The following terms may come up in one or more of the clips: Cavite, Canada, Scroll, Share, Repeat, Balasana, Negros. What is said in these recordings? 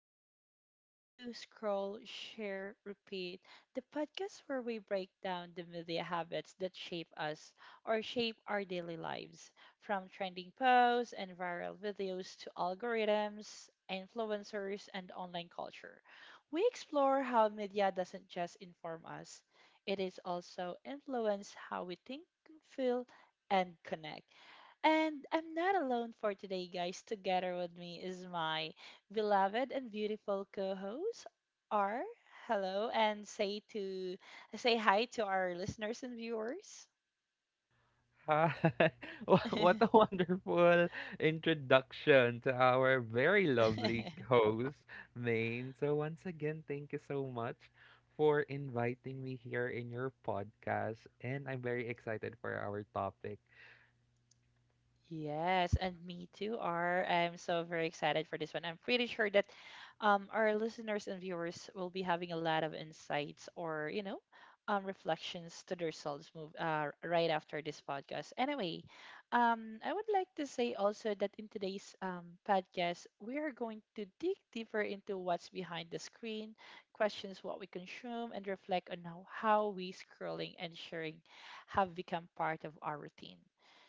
to welcome to Scroll, Share, Repeat, the podcast where we break down the media habits that shape us or shape our daily lives, from trending posts and viral videos to algorithms, influencers, and online culture. We explore how media doesn't just inform us, it is also influence how we think feel, and connect. And I'm not alone for today, guys. Together with me is my beloved and beautiful co-host, R. Hello, and say hi to our listeners and viewers. Hi. What a wonderful introduction to our very lovely host, Maine. So, once again, thank you so much for inviting me here in your podcast. And I'm very excited for our topic. Yes, and me too, R. I'm so very excited for this one. I'm pretty sure that our listeners and viewers will be having a lot of insights or, reflections to themselves move right after this podcast. Anyway, I would like to say also that in today's podcast, we are going to dig deeper into what's behind the screen, questions what we consume, and reflect on how we scrolling and sharing have become part of our routine.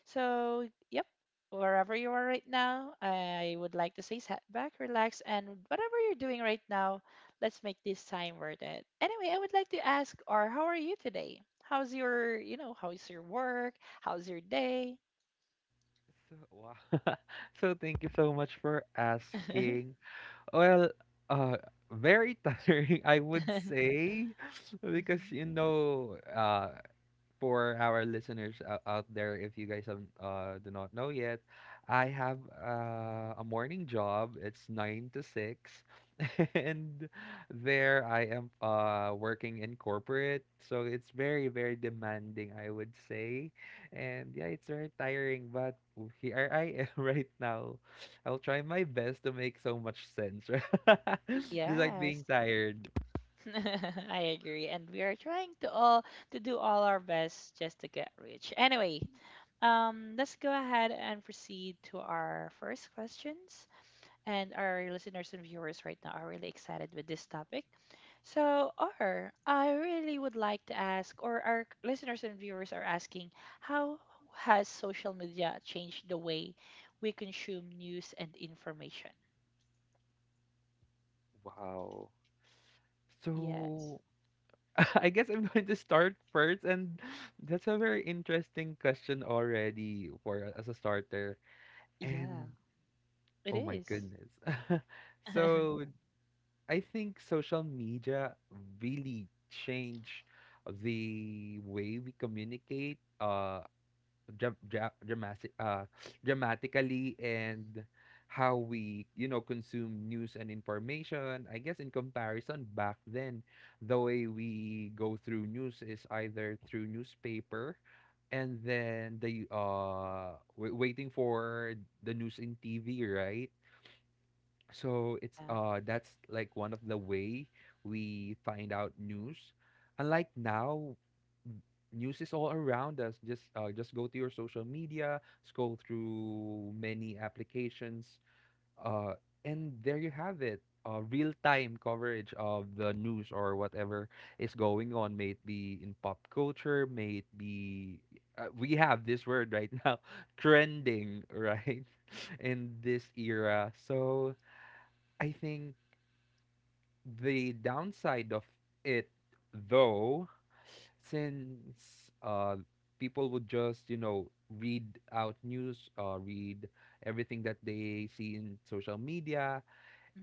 So, yep, wherever you are right now, I would like to say sit back, relax, and whatever you're doing right now, let's make this time worth it. Anyway, I would like to ask, or how are you today? How's your, how's your work? How's your day? So, wow. So, thank you so much for asking. Well, uh, very tiring, I would say, because Mhm. For our listeners out there, if you guys have, do not know yet, I have a morning job. It's 9 to 6, and there I am working in corporate. So it's very, very demanding, I would say, and yeah, it's very tiring. But here I am right now. I'll try my best to make so much sense, despite Yes. being tired. I agree. And we are trying to all to do all our best just to get rich. Anyway, let's go ahead and proceed to our first questions. And our listeners and viewers right now are really excited with this topic. So, or I really would like to ask, or our listeners and viewers are asking, how has social media changed the way we consume news and information? Wow. Yes. So, I guess I'm going to start first, and that's a very interesting question already for as a starter. Yeah, And it oh my is. goodness. Yeah. So I think social media really change the way we communicate. Dra- dra- dramatic, uh, Dramatically, and how we, consume news and information. I guess in comparison back then, the way we go through news is either through newspaper and then the waiting for the news in TV, right? So it's that's like one of the way we find out news. Unlike now, n- news is all around us. Just just go to your social media, scroll through many applications, uh and there you have it. Real-time coverage of the news or whatever is going on, may it be in pop culture, may it be, we have this word right now, trending, right? In this era. So I think the downside of it, though, since, people would just, read everything that they see in social media.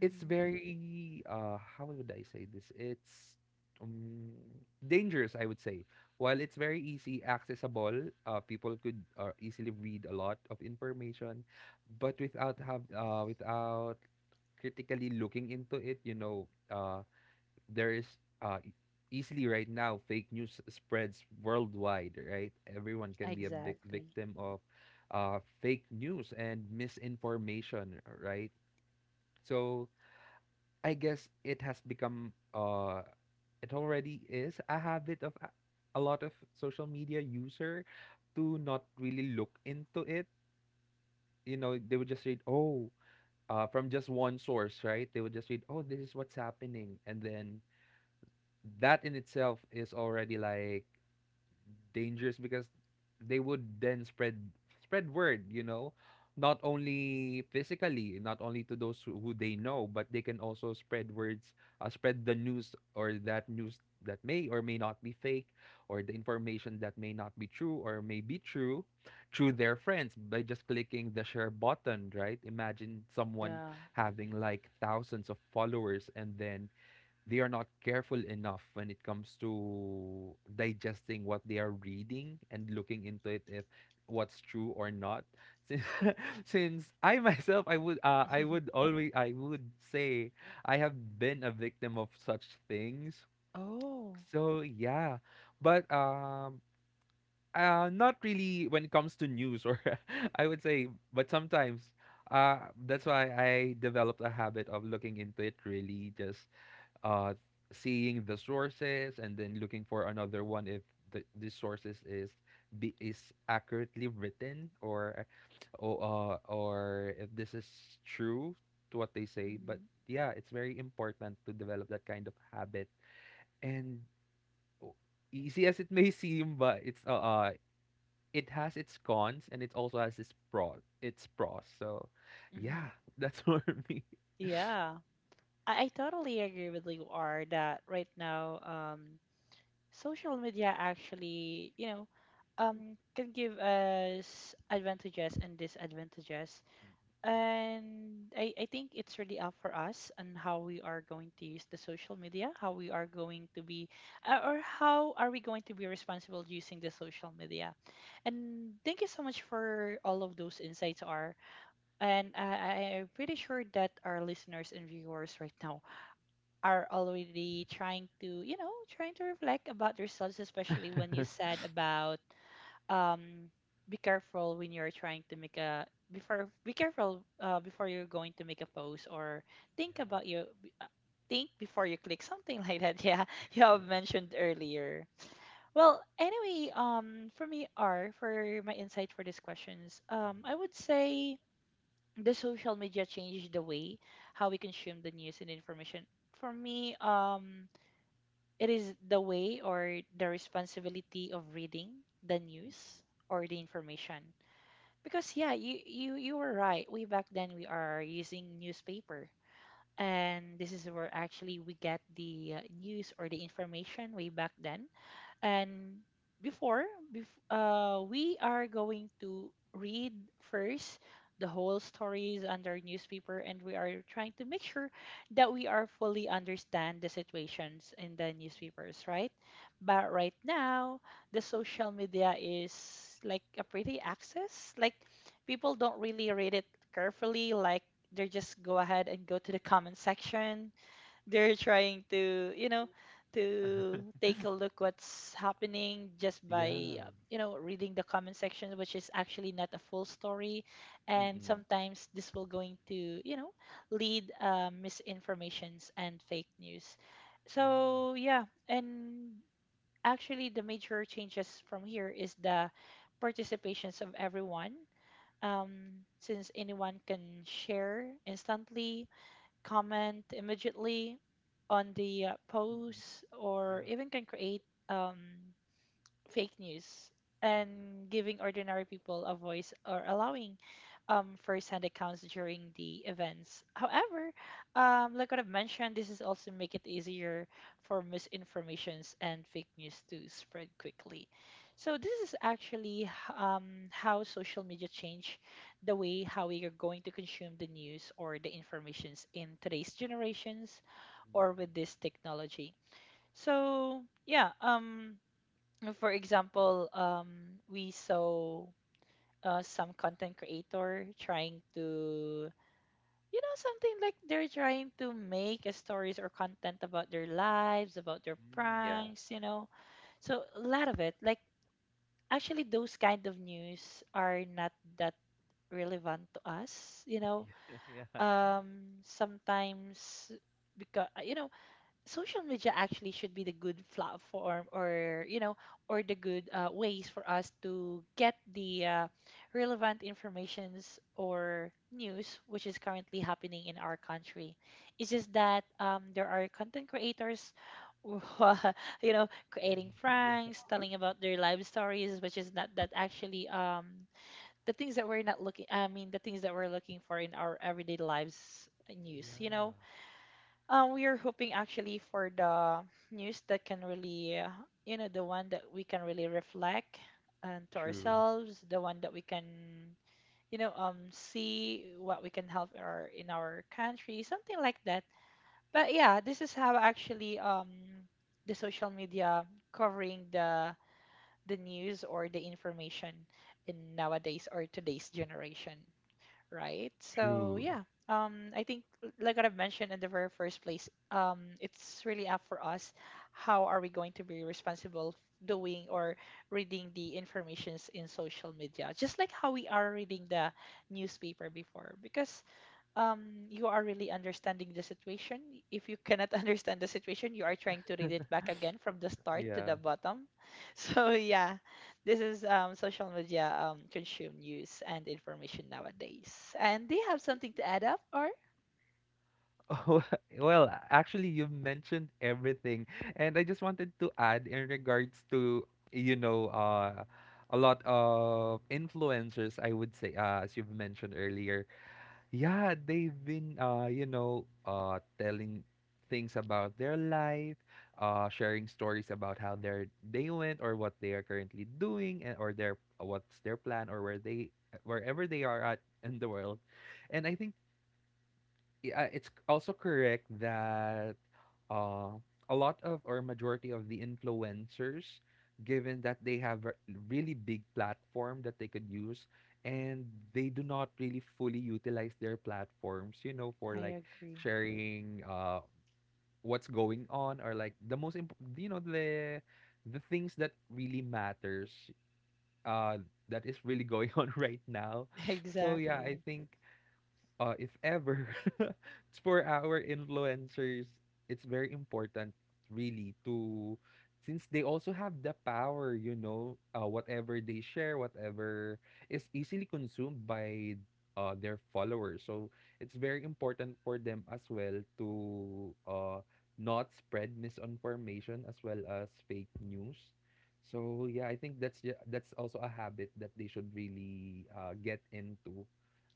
It's very how would I say this? It's um, dangerous, I would say. While it's very easy accessible, people could, easily read a lot of information, but without critically looking into it. There is, uh, e- easily right now, fake news spreads worldwide, right? Everyone can be a big Exactly. victim of fake news and misinformation, right? So I guess it has become it already is a habit of a lot of social media user to not really look into it. You know, they would just read, oh, from just one source, right? They would just read, oh, this is what's happening. And then that in itself is already like dangerous because they would then spread word, not only physically, not only to those who they know, but they can also spread the news, or that news that may or may not be fake, or the information that may not be true or may be true, through their friends by just clicking the share button, right? Imagine someone Yeah. having like thousands of followers, and then they are not careful enough when it comes to digesting what they are reading and looking into it, if what's true or not. Since, since I would say I have been a victim of such things. Oh. So yeah, but not really when it comes to news, or I would say. But sometimes, uh that's why I developed a habit of looking into it, really, just uh seeing the sources, and then looking for another one if the sources is accurately written, or or if this is true to what they say. But Hmm. yeah, it's very important to develop that kind of habit, and o- easy as it may seem, but it has its cons and it also has its pro its pros. So yeah, Hmm. that's for me. Yeah. I totally agree with you, R, that right now, social media actually, can give us advantages and disadvantages. Yeah, And I think it's really up for us on how we are going to use the social media, how we are going to be, or how are we going to be responsible using the social media. And thank you so much for all of those insights, are. And I'm pretty sure that our listeners and viewers right now are already trying to, you know, trying to reflect about themselves, especially when you said about um, be careful when you're trying to make a before be careful before you're going to make a post or think yeah. about think before you click something like that. Yeah, you Yeah, have yeah. mentioned earlier. Well, anyway, for me, R, for my insight for these questions, Mhm. I would say the social media changed the way how we consume the news and information. For me, it is the way or the responsibility of reading the Mhm. news or the information. Because yeah, you were right. Way back then we are using newspaper. And this is where actually we get the news or the information way back then. And before, we are going to read first the whole stories under newspaper, and we are trying to make sure that we are fully understand the situations in the newspapers, right? But right now, the social media is like a pretty access. Like people don't really read it carefully. Like they just go ahead and go to the comment section, they're trying to, you know, to take a look what's happening just by, Yeah. Reading the comment section, which is actually not a full story, and Mm. sometimes this will going to, you know, lead misinformations and fake news. Yeah. So yeah, and actually the major changes from here is the participations of everyone, since anyone can share instantly, comment immediately on the Mm. post, or Yeah. even can create um, fake news, Mm. and giving ordinary people a voice or allowing first-hand accounts during the events. However, like what I've mentioned, this is also make it easier for misinformations and fake news to spread quickly. So this is actually how social media change the way how we are going to consume the news or the informations in today's generations or with Mm-mm. this technology. So yeah, for example, we saw some content creator trying to, you know, something like they're trying to make a stories or content about their lives, about their Mm, yeah. pranks, you know. So a lot of it, like actually, those kind of news are not that relevant to us, you know. Yeah, yeah. Sometimes because you know social media actually should be the good platform or you know or the good ways for us to get the relevant informations or news which is currently happening in our country. It's just that, there are content creators who are, you know, creating Yeah. pranks, telling about their life stories, which is not that actually, the things that we're not looking I mean the things that we're looking for in our everyday lives, news, you know. Yeah. We are hoping actually for the news that can really, you know, the one that we can really reflect and to True, ourselves, the one that we can, you know, see what we can help our in our country, something like that. But yeah, this is how actually the social media covering the news or the information in nowadays or today's generation, right? So true. yeah, I think like what I've mentioned in the very first place, it's really up for us. How are we going to be responsible doing or reading the informations in social media, just like how we are reading the newspaper before? Because you are really understanding the situation. If you cannot understand the situation, you are trying to read it back again from the start to Yeah. the bottom. So yeah, this is social media consume news and information nowadays, and they have something to add up or Oh, well, actually, you've mentioned everything. And I just wanted to add in regards to, you know, uh, a lot of influencers, I would say, as you've mentioned earlier. Yeah, they've been, telling things about their life, sharing stories about how their they went, or what they are currently doing, and or their what's their plan, or wherever they are at in the world. And I think, it's also correct that, uh, a lot of, or majority of the influencers, given that they have a really big platform that they could use, and they do not really fully utilize their platforms, for I like agree. sharing, what's going on, or like the things that really matters, uh that is really going on right now. So yeah, I Exactly. think, if ever, for our influencers, it's very important, really, to, since they also have the power, whatever they share, whatever is easily consumed by, their followers. So it's very important for them as well to, not spread misinformation as well as fake news. So yeah, I think that's also a habit that they should really, get into.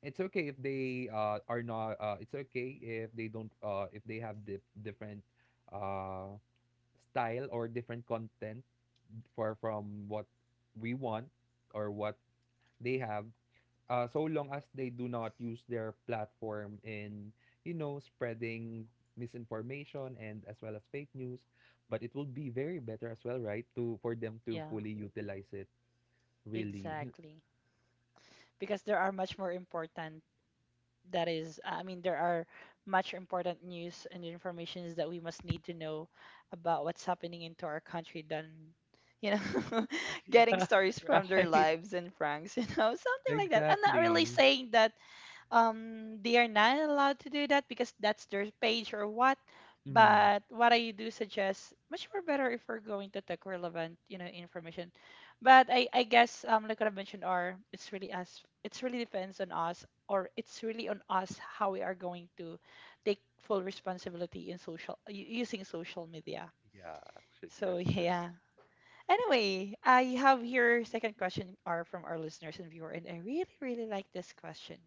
It's okay if they don't, if they have different, uh, style or different content for from what we want, or what they have, so long as they do not use their platform in, spreading misinformation and as well as fake news. But it will be very better as well, right, to for them to Yeah, fully utilize it really. exactly. Because there are much more important that is I mean there are much important news and informations that we must need to know about what's happening into our country than, you know, getting stories Yeah, from their right. lives and franks, you know, something like that. I'm not really Exactly. saying that, they are not allowed to do that because that's their page or what, Mhm. but what I do suggest much more better if we're going to tech relevant, you know, information. But I guess, like what I mentioned, are, it's really us, it's really depends on us or it's really on us how we are going to take full responsibility in using social media. Yeah, actually, So that's true. yeah, anyway, I have here second question are from our listeners and viewer, and I really really like this question.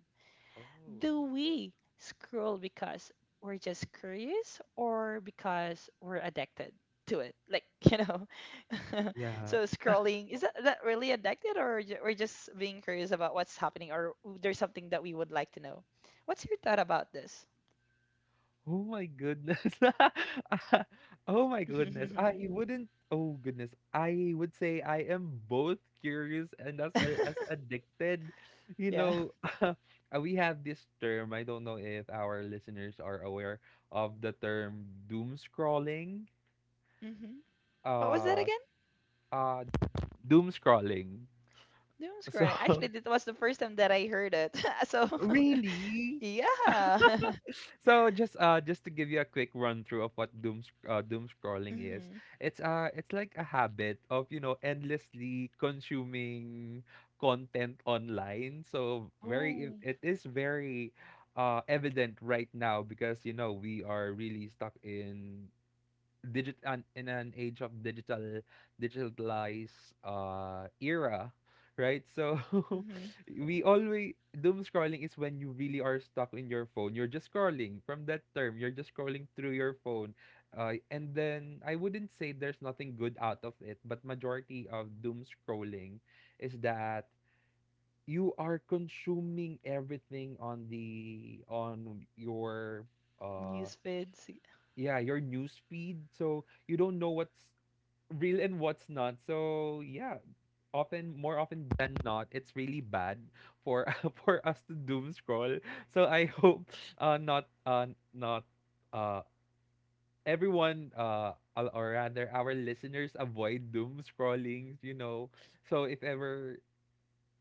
Oh, Do we scroll because we're just curious or because we're addicted to it? Like, you know, yeah. so scrolling, is that really addicted or we're just being curious about what's happening or there's something that we would like to know? What's your thought about this? Oh my goodness. Oh my goodness. I wouldn't. Oh goodness. I would say I am both curious and as well as addicted. You Yeah. know, uh, we have this term. I don't know if our listeners are aware of the term doom scrolling. Hmm. What was that Uh, again? uh, Doom scrolling. Doom So, scrolling. Actually, that was the first time that I heard it. So, really? yeah. So just just to give you a quick run through of what doom scrolling is, Hmm. It's like a habit of, endlessly consuming content online. So very Oh. it is very evident right now, because, we are really stuck in in an age of digitalized era, right? So Hmm. we always doom scrolling is when you really are stuck in your phone, you're just scrolling, from that term, you're just scrolling through your phone, and then I wouldn't say there's nothing good out of it, but majority of doom scrolling is that you are consuming everything on the on your uh News feeds. yeah, your news feed, so you don't know what's real and what's not. So yeah, often, more often than not, it's really bad for for us to doom scroll. So I hope not not uh everyone al- or rather, our listeners avoid doom scrolling. So if ever,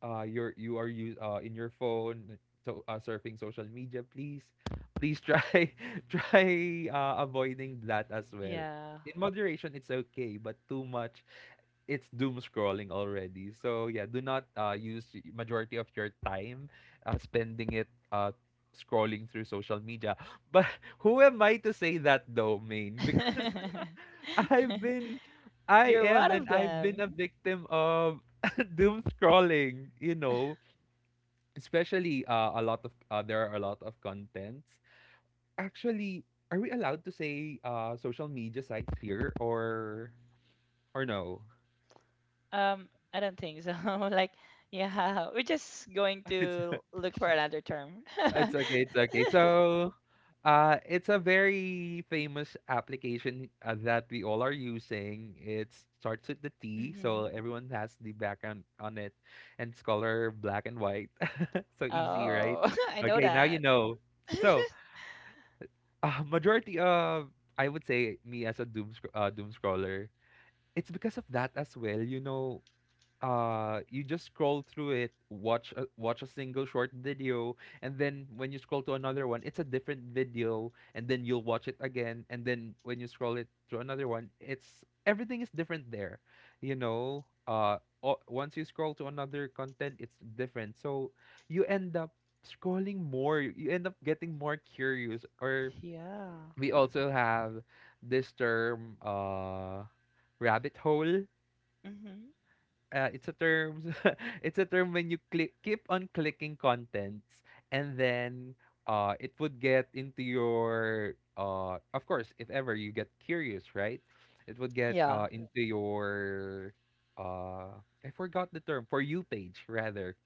you're you are you in your phone, so, surfing social media, please try try, avoiding that as well. Yeah. In moderation it's okay, but too much, it's doom scrolling already. So yeah, do not, use majority of your time, spending it, scrolling through social media. But who am I to say that, though, main because i've been I You're am, one of and I've been a them. victim of doom scrolling, especially, a lot of there are a lot of contents. Actually, are we allowed to say social media sites here, or no? Um, I don't think so. Like, yeah, we're just going It's to look for another term. it's okay, it's okay. So, it's a very famous application, that we all are using. It starts with the T, so Hmm. everyone has the background on it, and it's color black and white. So easy, right? Oh, I know Okay, now you that. know. So, majority of I would say me as a doom scroller, it's because of that as well. You know, you just scroll through it, watch a single short video, and then when you scroll to another one, it's a different video, and then you'll watch it again, and then when you scroll it to another one, it's everything is different there. You know, once you scroll to another content, it's different. So you end up scrolling more, you end up getting more curious. Or Yeah. we also have this term, rabbit hole. Hmm. Uh, It's a term. it's a term when you click keep on clicking contents, and then it would get into your, of course, if ever you get curious, right, it would get Yeah. Into your, uh I forgot the term, for you page rather.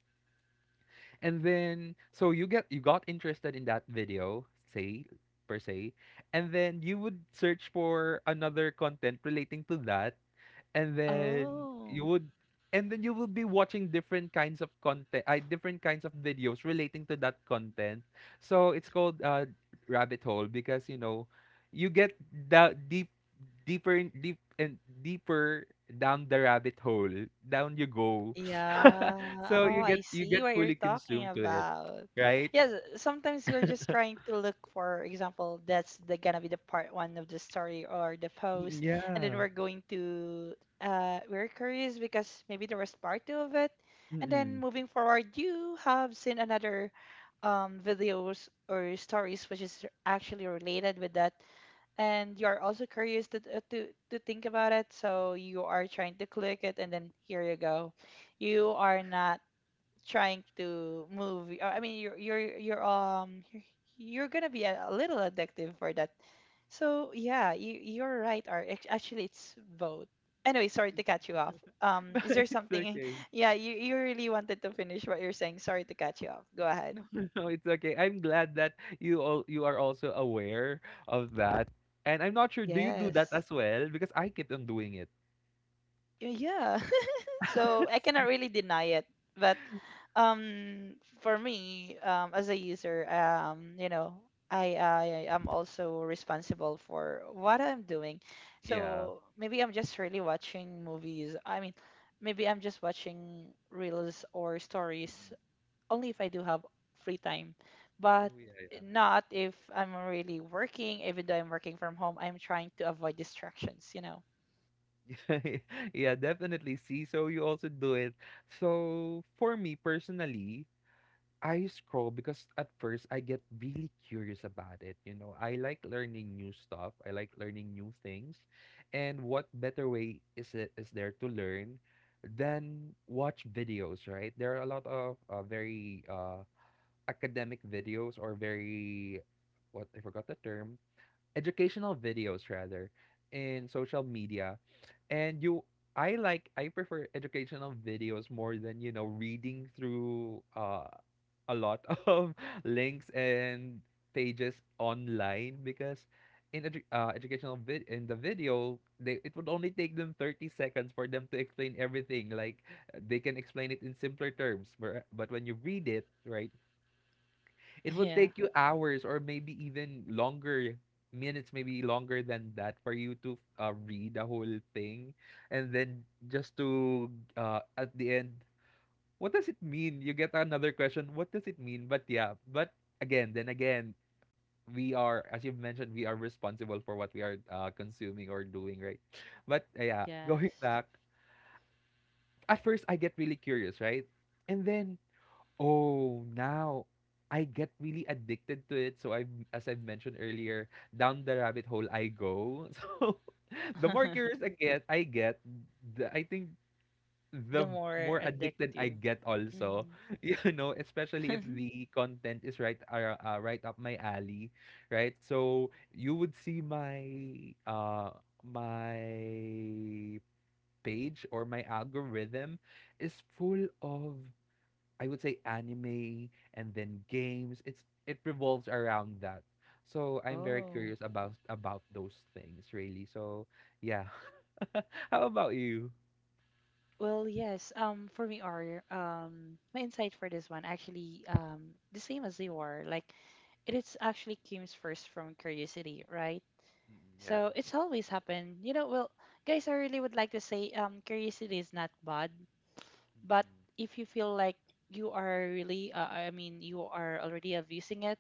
And then so you got interested in that video, say, per se, and then you would search for another content relating to that, and then you Oh. would and then you will be watching different kinds of content, different kinds of videos relating to that content. So it's called, rabbit hole, because you know, you get the deeper and deeper down the rabbit hole, down you go. Yeah. So Oh, I you see get what you're fully talking consumed to it, about. right? Yes, sometimes we're just trying to look, for example, that's the gonna be the part one of the story or the Mm, post, and then yeah. we're going to, we're curious because maybe there was part two of it. And then Mm-mm. moving forward, you have seen another videos or stories which is actually related with that, and you're also curious to, to think about it, so you are trying to click it, and then here you go, you are not trying to move I mean you're gonna be a little addictive for that. So yeah, you you're right, Art. Actually it's both. Anyway, sorry to cut you off. No, Is there it's something okay. yeah, you really wanted to finish what you're saying, sorry to cut you off, go ahead. No, no, it's okay. I'm glad that you are also aware of that. And I'm not sure, do you do that Yes. as well? Because I keep on doing it. Yeah. So I cannot really deny it. But for me, as a user, I am also responsible for what I'm doing. Yeah. So maybe I'm just really watching movies. I mean, maybe I'm just watching reels or stories Mm-mm. only if I do have free time, but Oh yeah, not if I'm really working. Even though I'm working from home, I'm trying to avoid distractions. yeah. Yeah, definitely. See, so you also do it. So for me personally, I scroll because at first I get really curious about it. You know, I like learning new stuff. I like learning new things. And what better way is there to learn than watch videos, right? There are a lot of very, academic videos, or very, what, I forgot the term, educational videos rather, in social media. And you I prefer educational videos more than, you know, reading through a lot of links and pages online, because in edu educational vid in the video, they it would only take them 30 seconds for them to explain everything. Like, they can explain it in simpler terms, where, but when you read it, right, it will Yeah. take you hours, or maybe even longer minutes, maybe longer than that, for you to, read the whole thing. And then just to, at the end, what does it mean? You get another question, what does it mean? But yeah, then again, we are, as you've mentioned, we are responsible for what we are, consuming or doing, right? But yeah, going Yes. back, at first I get really curious, right? And then, oh, now I get really addicted to it. So I, as I've mentioned earlier, down the rabbit hole I go. So the more curious I get, the, I think, The the more more addicted I addictive. get also. Hmm. You know, especially if the content is right up my alley, right? So you would see my, uh my page, or my algorithm, is full of, I would say, anime and then games. It revolves around that. So I'm very Oh. curious about those things really. So yeah. How about you? Well, yes. For me, or my insight for this one actually the same as you are. Like it is actually comes first from curiosity, right? Mm-mm, So it's always happened. Well, guys, I really would like to say curiosity is not bad. But if you feel like you are really, I mean, you are already abusing it,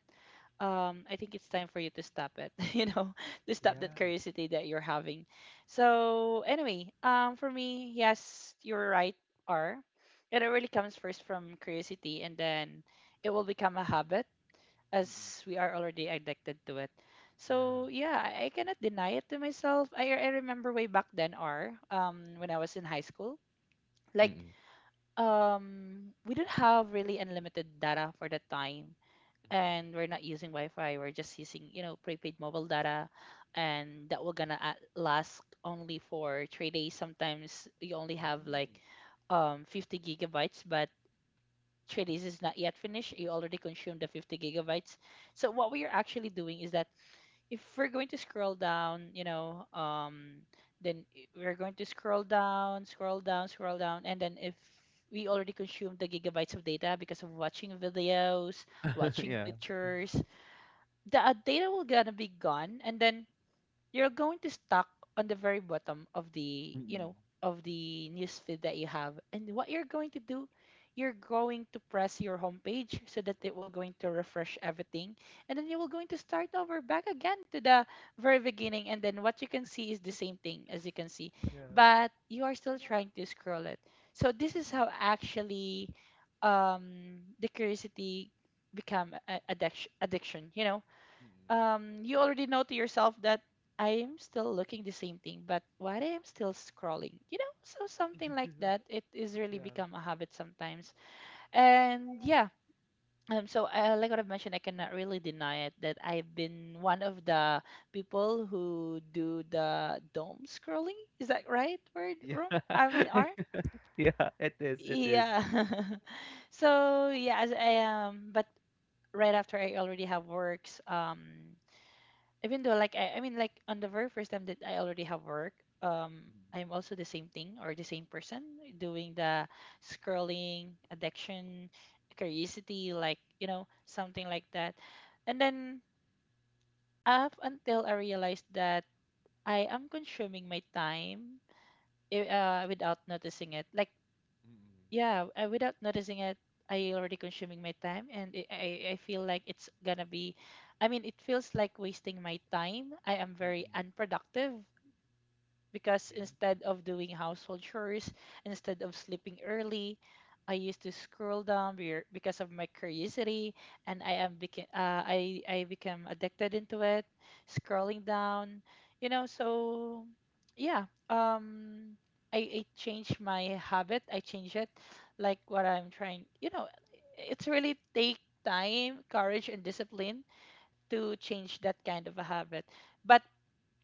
I think it's time for you to stop it, to stop that yeah. curiosity that you're having. So, anyway, for me, yes, you're right, R. It really comes first from curiosity, and then it will become a habit Mm-mm, as we are already addicted to it. So, yeah. yeah, I cannot deny it to myself. I remember way back then, R, when I was in high school. Mm-mm, Like, yeah. Mm-mm, we don't have really unlimited data for that time, and we're not using wi-fi. We're just using prepaid mobile data, and that will gonna last only for 3 days. Sometimes you only have like 50 gigabytes, but 3 days is not yet finished, you already consumed the 50 gigabytes. So what we are actually doing is that if we're going to scroll down, then we're going to scroll down, scroll down, scroll down. And then if we already consumed the gigabytes of data because of watching videos, mm-mm, mm, watching yeah. pictures, the data will gonna be gone, and then you're going to stuck on the very bottom of the Mm-mm, of the newsfeed that you have. And what you're going to do, you're going to press your home page so that it will going to refresh everything, and then you will going to start over back again to the very beginning. And then what you can see is the same thing as you can see, yeah. but you are still trying to scroll it. So this is Mm-mm, how actually the curiosity become addiction. mm-mm, You already know to yourself that I am still looking the same thing, but why I am still scrolling, you know? So something like that, it is really yeah. become a habit sometimes. And yeah, so like what I've mentioned, I cannot really deny it that I've been one of the people who do the dome scrolling. Is that right word, Yeah. room? I mean, R? Yeah, it is. It is. Yeah. So yeah, as I am, but right after I already have works, even though like I mean like on the very first time that I already have work, Mm-mm, I'm also the same thing or the same person doing the scrolling, addiction, curiosity, like something like that, and then up until I realized that I am consuming my time without noticing it. Like mm-mm, yeah, without noticing it, I already consuming my time, and I feel like it's gonna be, I mean, it feels like wasting my time. I am very mm-mm, unproductive because yeah. instead of doing household chores, instead of sleeping early, I used to scroll down because of my curiosity, and I Mm-mm, am became uh, I I became addicted into it, scrolling down. So yeah, I changed my habit. I changed it, like what I'm trying. It's really take time, courage, and discipline to change that kind of a habit. But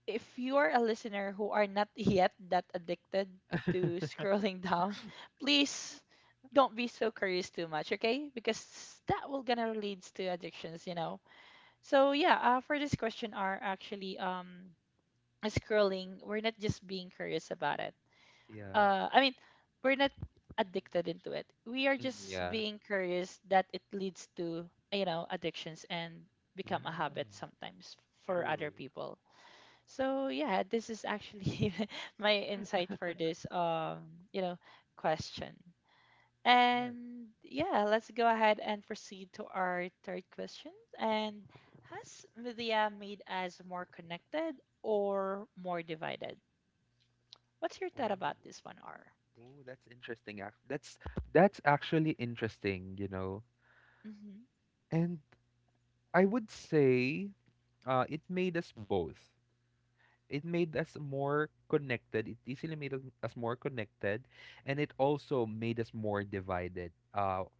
if you are a listener who are not yet that addicted to scrolling down, please don't be so curious too much, okay? Because that will gonna leads to addictions. So yeah, for this question are actually scrolling. We're not just being curious about it. yeah. I mean, we're not addicted into it. We are Mm-mm, just yeah. being curious that it leads to addictions and Yeah. become a habit sometimes for other True. people. So yeah, this is actually my insight for this you know, question. Yeah. And yeah, let's go ahead and proceed to our third question. And has media made us more connected or more divided? What's your Oh, thought about this one, R? oh, that's interesting. That's actually interesting, you know. Mm-hmm. And I would say, it made us both. It made us more connected. It easily made us more connected, and it also made us more divided. Uh,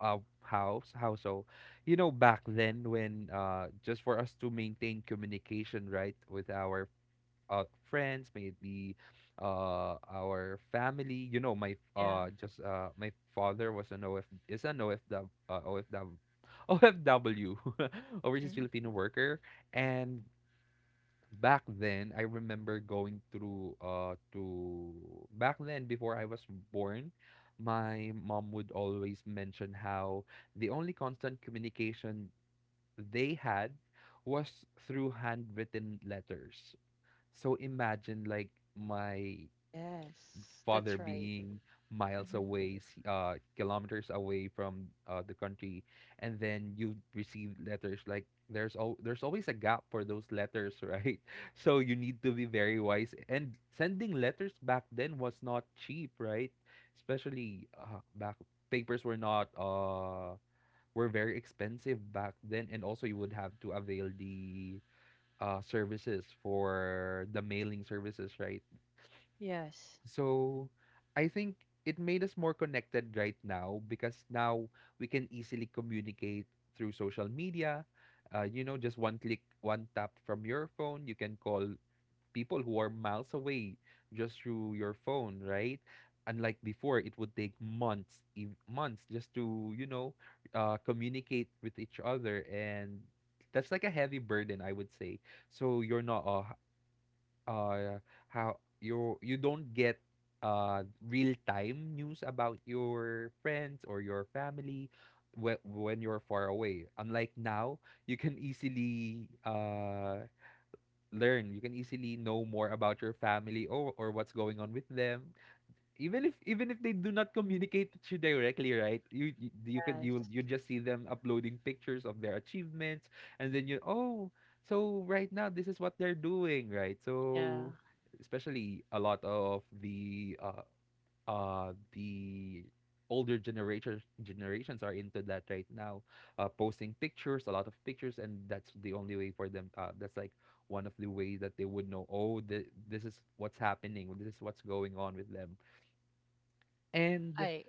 uh, How how so? You know, back then, when, just for us to maintain communication, right, with our, uh, friends, may it be, our family. You know, Yeah. My father was an OF is an OFW, OFW overseas Hmm. Filipino worker, and back then, I remember going through, to, back then before I was born. My mom would always mention how the only constant communication they had was through handwritten letters. So imagine, like, my Yes, that's father right. being miles Mm-hmm. away, kilometers away from, the country, and then you receive letters. Like, there's always a gap for those letters, right? So you need to be very wise. And sending letters back then was not cheap, right? Especially, back papers were not were very expensive back then, and also you would have to avail the, services for the mailing services, right? Yes, So I think it made us more connected right now, because now we can easily communicate through social media. You know, just one click, one tap from your phone, you can call people who are miles away just through your phone, right? Unlike before, it would take months, months just to, you know, communicate with each other. And that's like a heavy burden, I would say. So you're not, uh how you don't get, real time news about your friends or your family when you're far away. Unlike now, you can easily learn. You can easily know more about your family, or what's going on with them, even if they do not communicate with you directly, right, you can, yes. you just see them uploading pictures of their achievements, and then you, oh, so right now this is what they're doing, right? Yeah. So especially a lot of the, uh the older generations are into that right now, posting pictures, a lot of pictures, and that's the only way for them, that's like one of the ways that they would know, oh, this is what's happening, this is what's going on with them. And I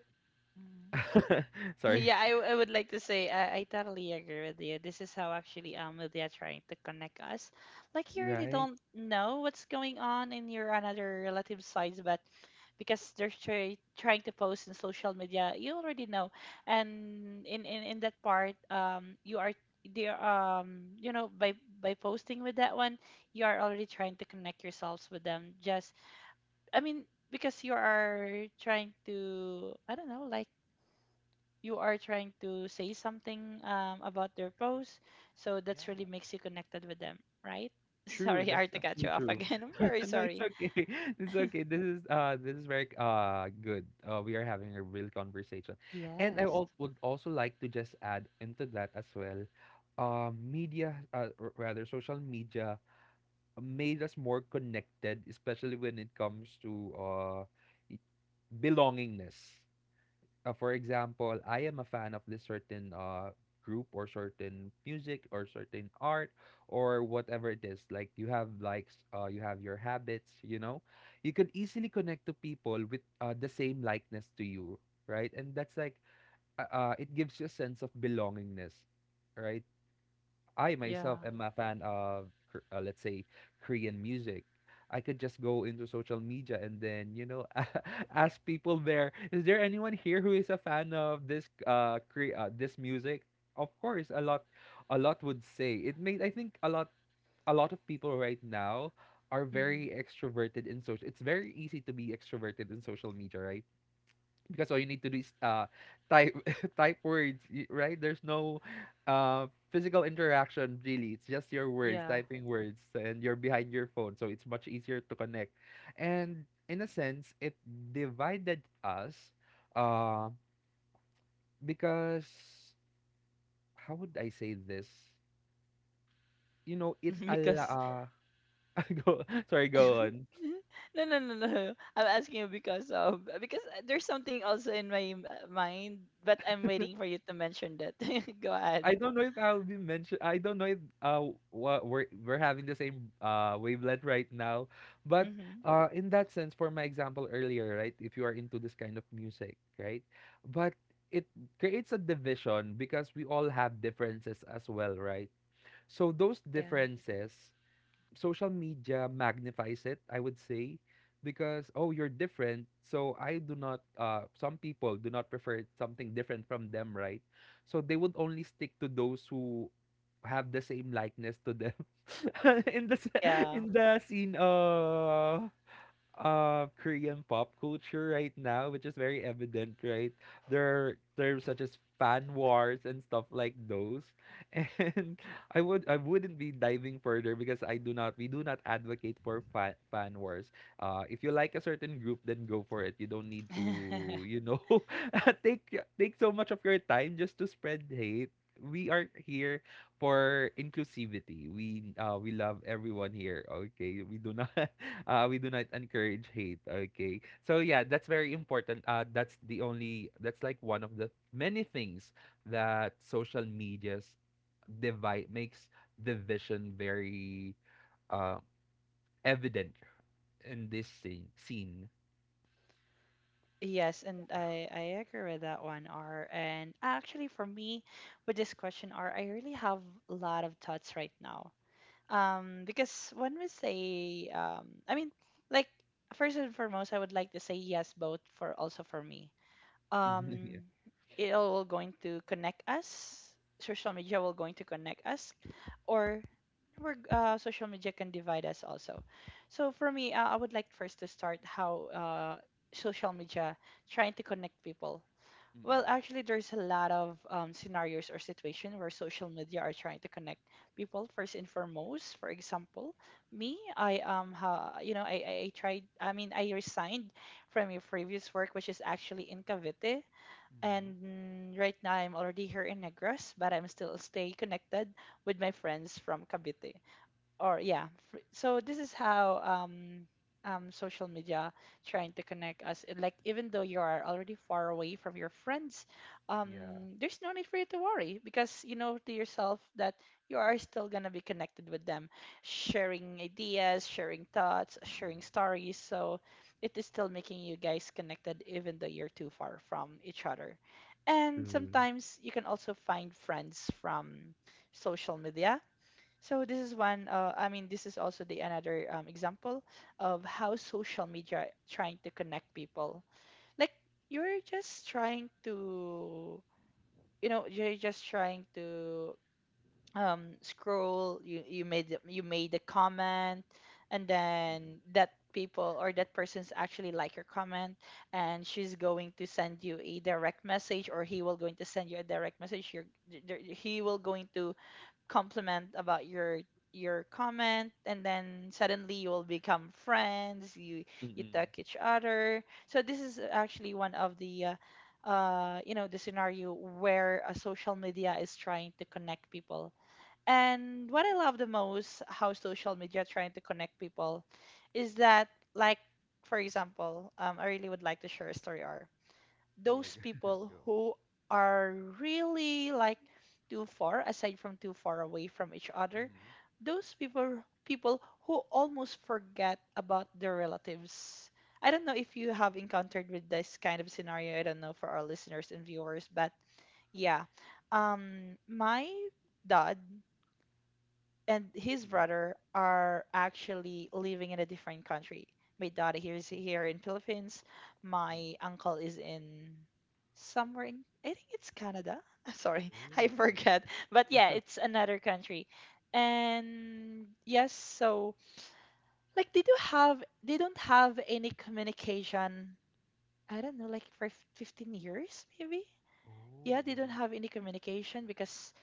Mm. sorry, Yeah, I would like to say I totally agree with you. This is how actually media trying to connect us. Like you really right? don't know what's going on in your another relative sides, but because they're trying to post in social media, you already know. And in that part, you are there by posting with that one, you are already trying to connect yourselves with them. Just I mean because you are trying to, I don't know, like you are trying to say something about their post. So Yeah, that's really makes you connected with them, right? true. Sorry, That's I to cut actually you off true. again. I'm very No, it's sorry. okay. It's okay. This is very good. We are having a real conversation, and I Yes. Would also like to just add into that as well. Media, rather social media, made us more connected, especially when it comes to i- belongingness. For example, I am a fan of this certain, group, or certain music, or certain art, or whatever it is. Like, you have likes, you have your habits. You know, you could easily connect to people with the same likeness to you, right? And that's like, it gives you a sense of belongingness, right? I Yeah. myself am a fan of, let's say, Korean music. I could just go into social media, and then, you know, ask people there, is there anyone here who is a fan of this, this music? Of course, a lot would say. It made I think a lot of people right now are Hmm. very extroverted in social. It's very easy to be extroverted in social media, right? Because all you need to do is, type right, there's no uh physical interaction really. It's just your words, Yeah. typing words, and you're behind your phone, so it's much easier to connect. And in a sense, it divided us, uh because, how would I say this? You know, because go, sorry, go on. no, no, no, no. I'm asking you because there's something also in my mind, but I'm waiting for you to mention that. Go ahead. I don't know if I'll be mentioned. I don't know if we're having the same wavelength right now, but Mm-hmm. In that sense, for my example earlier, right? If you are into this kind of music, right? But it creates a division, because we all have differences as well, right? So those Yeah. differences, social media magnifies it, I would say, because, oh, you're different. So I do not. Some people do not prefer something different from them, right? So they would only stick to those who have the same likeness to them, Yeah. in the scene. Korean pop culture right now, which is very evident, right? There are terms such as fan wars and stuff like those. And I would, I wouldn't be diving further, because I do not, we do not advocate for fan wars. If you like a certain group, then go for it. You don't need to, you know, take take so much of your time just to spread hate. We are here Mm-hmm. for inclusivity. We love everyone here. Okay, we do not we do not encourage hate. Okay, so yeah, that's very important. That's the only, that's like one of the many things that social medias, divide makes division very uh evident in this scene. Yes, and I agree with that one, R. And actually, for me, with this question, R, I really have a lot of thoughts right now. Because when we say, I mean, like first and foremost, I would like to say yes, both for also for me, Yeah. um it all going to connect us. Social media will going to connect us, or social media can divide us also. So for me, I would like first to start how social media trying to connect people. Well, Mm-mm. actually, there's a lot of scenarios or situation where social media are trying to connect people. First and foremost, for example, me, I tried, I mean, I resigned from my previous work, which is actually in Cavite. And Mm-hmm. Right now, I'm already here in Negros, but I'm still stay connected with my friends from Cavite, or yeah, so this is how social media trying to connect us. And, like, even though you are already far away from your friends, um Yeah. there's no need for you to worry because you know to yourself that you are still going to be connected with them, sharing ideas, sharing thoughts, Mm-mm. sharing stories. So it is still making you guys connected even though you're too far from each other. And True. sometimes you can also find friends from social media. So this is one. I mean, this is also the another example of how social media trying to connect people. Like you're just trying to, you're just trying to scroll. You made you made a comment, and then that people or that person's actually like your comment, and she's going to send you a direct message, or he will going to send you a direct message. He will going to compliment about your comment, and then suddenly you will become friends, you Mm-mm. talk each other. So this is actually one of the you know the scenario where a social media is trying to connect people. And what I love the most how social media trying to connect people is that, like, for example, I really would like to share a story or Yeah, those go. people Go. who are really like too far away from each other, Mm-hmm. those people who almost forget about their relatives. I don't know if you have encountered with this kind of scenario, I don't know, for our listeners and viewers. But yeah, my dad and his Mm-mm. brother are actually living in a different country. My daughter here is here in Philippines. Mm-mm. My uncle is in somewhere in, I think it's Canada. Sorry, I Oh, mhm. forget. But yeah, it's another country. And yes, so like they don't have any communication. I don't know, like for 15 years maybe. Oh, Yeah, they don't mhm. have any communication because,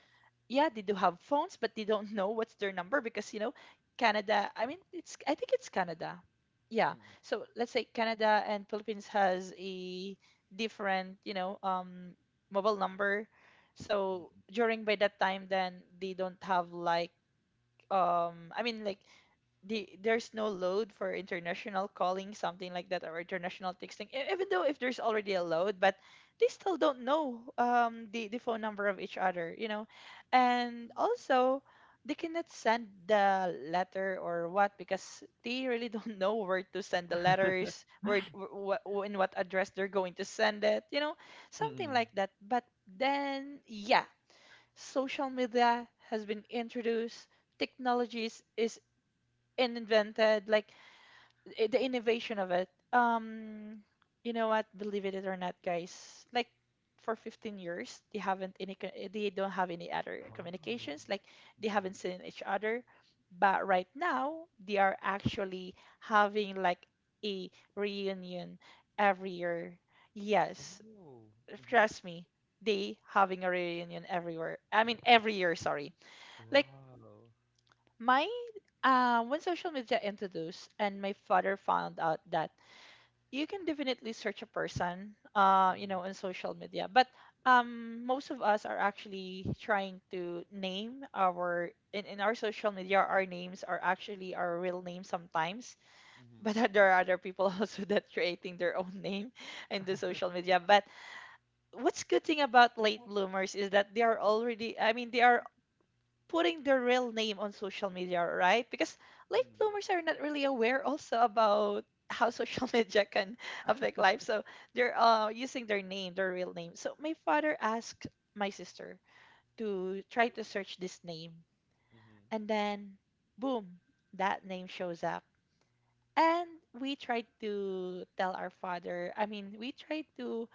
yeah, they do have phones, but they don't know what's their number because, you know, Canada. I mean, it's I think it's Canada. Yeah. Mm, mm. So let's say Canada and Philippines has a different, mobile number. So during by that time, then they don't have like um, I mean like there's no load for international calling something like that or international texting even though if there's already a load but they still don't know the phone number of each other. And also they cannot send the letter or what because they really don't know where to send the letters where what in what address they're going to send it, Mm. something Mm, like that. But then yeah, social media has been introduced, technologies is and invented like the innovation of it. You know what, believe it or not guys, like for 15 years they haven't they don't have any other communications, like they haven't seen each other. But right now they are actually having like a reunion every year. Yes, trust me, they having a reunion everywhere, I mean every year, sorry. Like wow. my when social media introduced, and my father found out that you can definitely search a person, you know, Mm. Oh, on social media. But most of us are actually trying to name our in our social media. Our names are actually our real names sometimes, mhm. Wow. Mhm, mhm, but there are other people also that creating their own name in the social media. But what's good thing about late bloomers is that they are already, I mean, they are putting their real name on social media, right? Because late bloomers are not really aware also about how social media can affect life. So they're using their name, their real name. So my father asked my sister to try to search this name. mhm, And then, boom, that name shows up. And we tried to tell our father, I mean, we tried to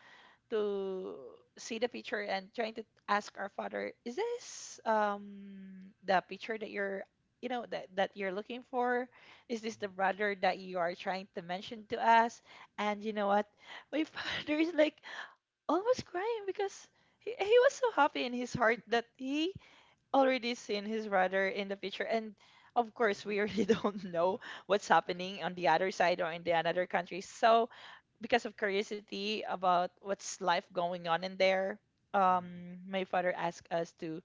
to see the picture and trying to ask our father, is this the picture that you're you know that you're looking for? Is this the mhm, brother that you are trying to mention to us? And you know what? My father is like almost crying because he was so happy in his heart that he already seen his brother in the picture. And of course we really don't know what's happening on the other side or in the another country. So because of curiosity about what's life going on in there, my father asked us to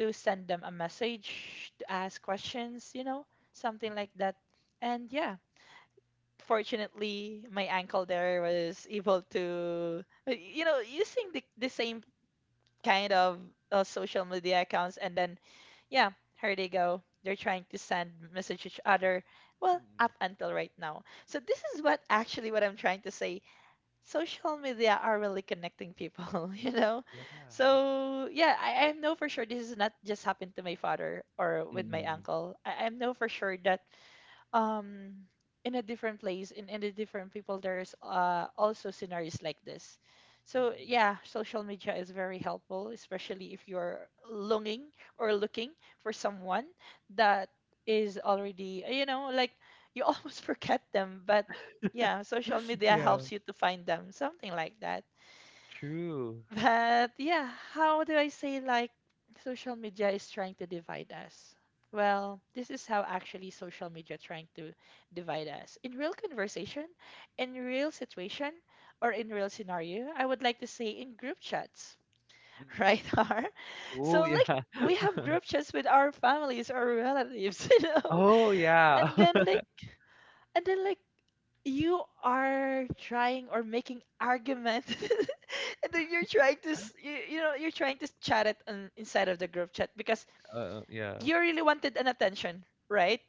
send them a message to ask questions, something like mhm. that. And yeah, fortunately my uncle there was able to, you know, using the same kind of social media accounts. And then yeah, here they go, they're trying to send message each other well up Oh, until right now. So this is what actually what I'm trying to say, social media are really connecting people, you know? yeah. So yeah, I know for sure this is not just happened to my father or Mm, mm, with my mm. Yeah. Mm. uncle. I know for sure that um in a different place, in a different people, there's also scenarios like this. So Mm. yeah, social media is very helpful especially if you're longing or looking for someone that is already, you know, like you almost forget them. But yeah, social media Yeah, helps you to find them, something like that. true. But yeah, how do I say, like social media is trying to divide us? Well, this is how actually social media trying to divide us. In real conversation, in real situation, or in real scenario, I would like to say in group chats, Mm. right? Har? Oh, So like yeah. we have group chats with our families or relatives, you know? Oh, yeah. And then like and then like you are trying or making argument and then you're trying to you, you know you're trying to chat it inside of the group chat because yeah. you really wanted an attention, right?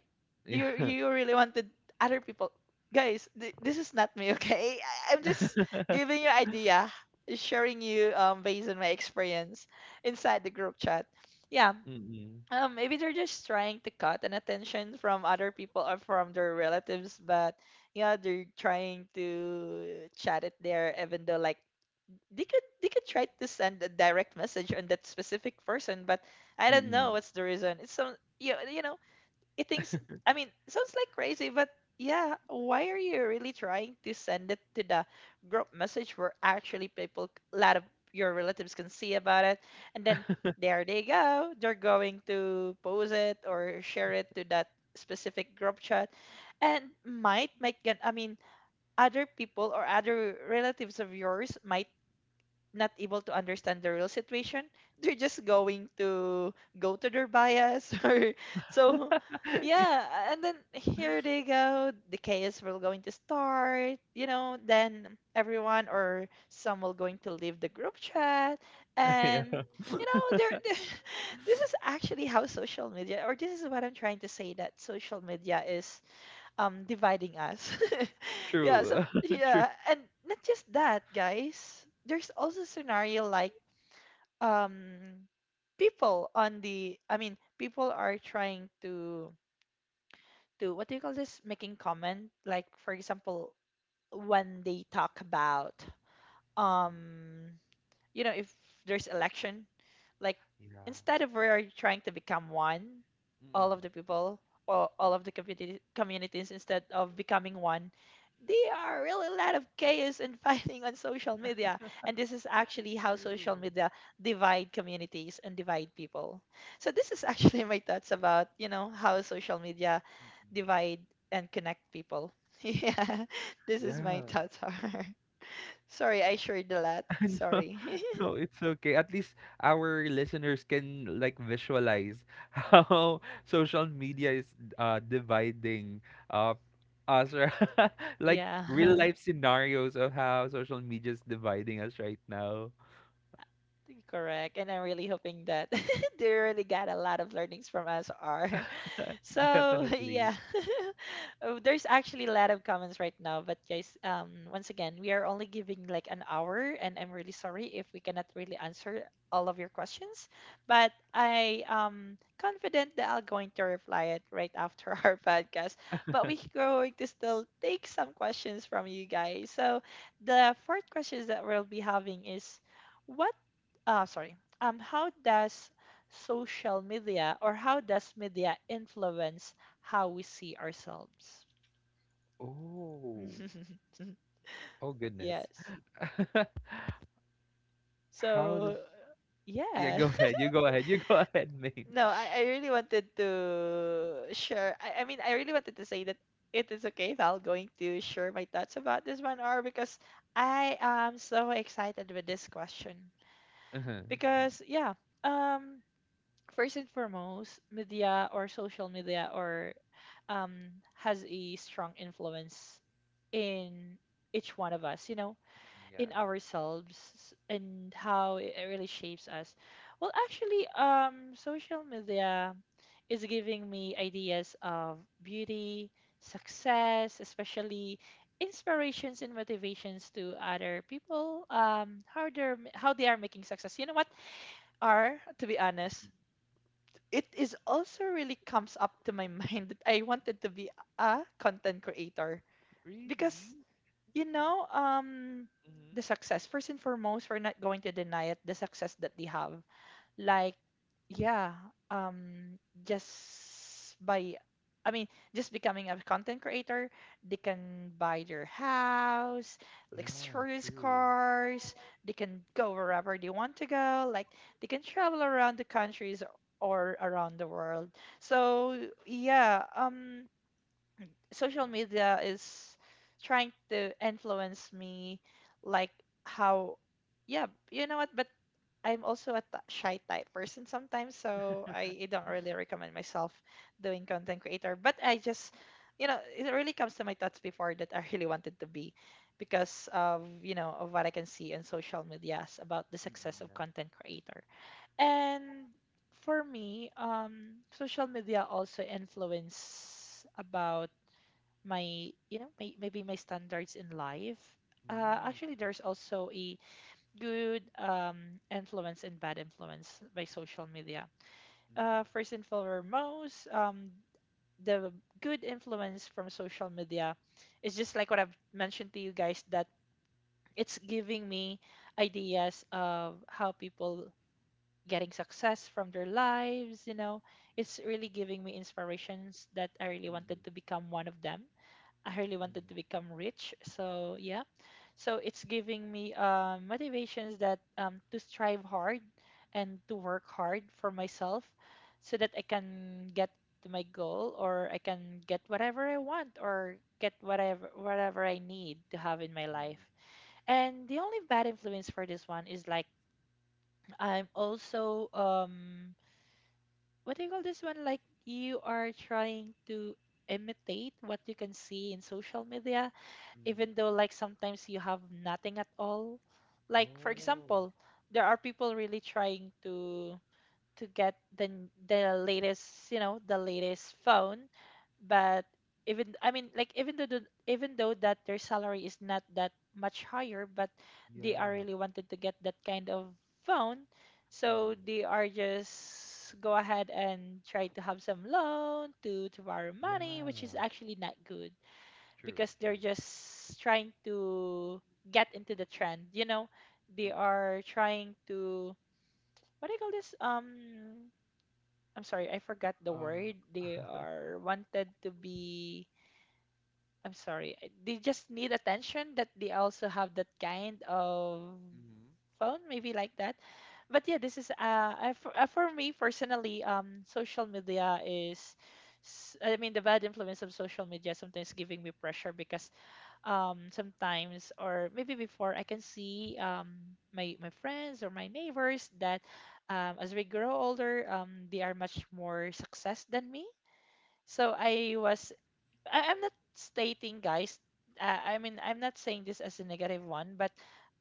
You Yeah. Really wanted other people, guys, this is not me okay, I'm just giving you idea, sharing you based on my experience inside the group chat, yeah. Mm, mm. Maybe they're just trying to cut an attention from other people or from their relatives, but yeah, they're trying to chat it there, even though like they could try to send a direct message on that specific person. But I don't know Mm. what's the reason. It's some you know, it thinks, I mean, it sounds like crazy. But yeah, why are you really trying to send it to the group message where actually people a lot of your relatives can see about it? And then there they go, they're going to post it or share it to that specific group chat, and might make an, I mean, other people or other relatives of yours might not able to understand the real situation. They're just going to go to their bias or so. Yeah, and then here they go, the chaos will going to start, you know, then everyone or some will going to leave the group chat. Yeah. And you know there, this is actually how social media, or this is what I'm trying to say, that social media is dividing us. Yeah, so True. True. yeah, and not just that, guys. There's also scenario like um people on the, I mean, people are trying to what do you call this? Making comment. Like for example, when they talk about Mm. um you know, if there's election, like Yeah. instead of we are trying to become one, all of Mm. the people or all of the communities, instead of becoming one, they are really a lot of chaos and fighting on social media. And this is actually how social True. media divide communities and divide people. So this is actually my thoughts about, you know, how social media Mm. divide and connect people. Yeah, this is my Yeah. thoughts are. Sorry, I shared a lot. No, Sorry. no, it's okay. At least our listeners can like visualize how social media is dividing uh us, or like, real Yeah. life scenarios of how social media is dividing us right now. Correct. And I'm really hoping that they really got a lot of learnings from us, R. So Definitely. yeah. Oh, there's actually a lot of comments right now. But guys, once again, we are only giving like an hour, and I'm really sorry if we cannot really answer all of your questions. But I am confident that I will going to reply it right after our podcast. But we're going to still take some questions from you guys. So the fourth questions that we'll be having is, what? Sorry. How does social media or how does media influence how we see ourselves? Oh, oh goodness. Yes. How does, So, yeah, yeah. go ahead. You go ahead. You go ahead, mate. No, I really wanted to share. I mean, I really wanted to say that it is okay if I'm going to share my thoughts about this 1 hour because I am so excited with this question. Uh-huh. Because, yeah, um, first and foremost, media or social media or um, has a strong influence in each one of us, you know, Yeah. in ourselves and how it really shapes us. Well, actually, social media is giving me ideas of beauty, success, especially inspirations and motivations to other people. How they're how they are making success. You know what? Are to be honest, it is also really comes up to my mind that I wanted to be a content creator because Really? you know, Mm-hmm. the success, first and foremost, we're not going to deny it. The success that they have, like, yeah, um, just by, I mean, just becoming a content creator, they can buy their house, Yeah, luxurious true. cars. They can go wherever they want to go. Like, they can travel around the countries or around the world. So yeah, social media is trying to influence me like how. Yeah, you know what, but I'm also a shy type person sometimes, so I don't really recommend myself doing content creator. But I just, you know, it really comes to my thoughts before that I really wanted to be, because of, you know, of what I can see in social medias about the success Mm-mm, of yeah. content creator. And for me, social media also influence about my, you know, maybe my standards in life. Mm, Actually yeah. there's also a good influence and bad influence by social media. Mm-mm. First and foremost, the good influence from social media is just like what I've mentioned to you guys, that it's giving me ideas of how people getting success from their lives, you know. It's really giving me inspirations that I really Mm-mm. wanted to become one of them. I really Mm-mm. wanted to become rich. So yeah. So it's giving me motivations that to strive hard and to work hard for myself so that I can get to my goal, or I can get whatever I want, or get whatever I need to have in my Mm-mm. life. And the only bad influence for this one is like I'm also what do you call this one? Like, you are trying to imitate what you can see in social media, Mm-mm. even though like sometimes you have nothing at all. Like, for Oh, example, there are people really trying to get the latest, the latest phone. But even I mean, like, even though that their salary is not that much higher, but they are yeah. really wanted to get that kind of phone. So Mm-mm. they are just go ahead and try to have some loan to borrow money, which is Yeah. actually not good True, because they're true. just trying to get into the trend. You know, they Mm-mm. are trying to, what do you call this? I'm sorry, I forgot the word. They Uh, are wanted to be. I'm sorry. They just need attention that they also have that kind of mm-hmm. phone, maybe like that. But yeah, this is for me personally, social media I mean, the bad influence of social media sometimes giving me pressure because sometimes or maybe before I can see my friends or my neighbors that, as we grow older, they are much more success than me. So I'm not stating guys, I mean, I'm not saying this as a negative one, but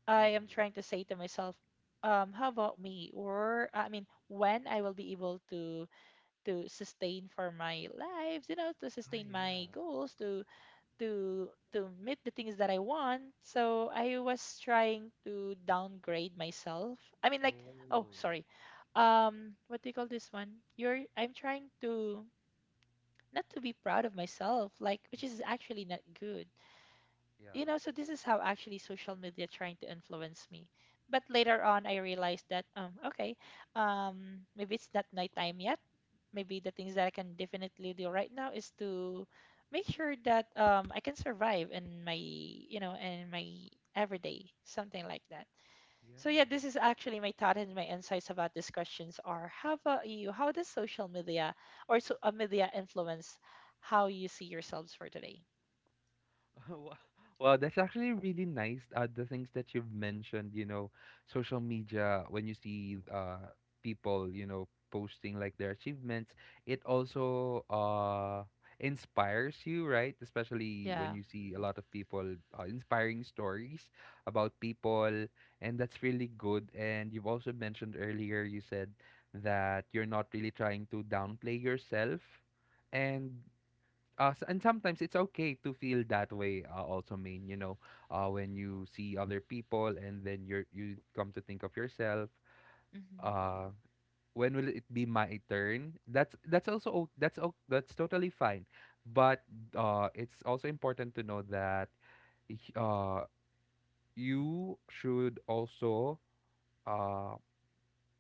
I am Mm-mm. trying to say to myself, how about me? Or I mean, when I will be able to sustain for my lives, you know, to Ah, sustain my yeah. goals to meet the things that I want. So I was trying to downgrade myself. I mean, like, oh, Oh, yeah. sorry. What do you call this one? You're I'm trying to not to be proud of myself, like, which is Mm-hmm. actually not good. Yeah. You know, so this is how actually social media trying to influence me. But later on I realized that, okay, maybe it's not nighttime yet, maybe the things that I can definitely do right now is to make sure that, I can survive in my everyday, something like that. Yeah. So yeah, this is actually my thought and my insights about these questions are how about you? How does social media or so, media influence how you see yourselves for today? Wow, wow, that's actually really nice. The things that you've mentioned, you know, social media, when you see people, you know, posting like their achievements, it also inspires you, right? Especially when Yeah. you see a lot of people inspiring stories about people, and that's really good. And you've also mentioned earlier, you said that you're not really trying to downplay yourself. And sometimes it's okay to feel that way also mean you know when you see other people and then you come to think of yourself Hmm. uh when will it be my turn? That's that's also o- that's o- that's totally fine but it's also important to know that y- uh you should also uh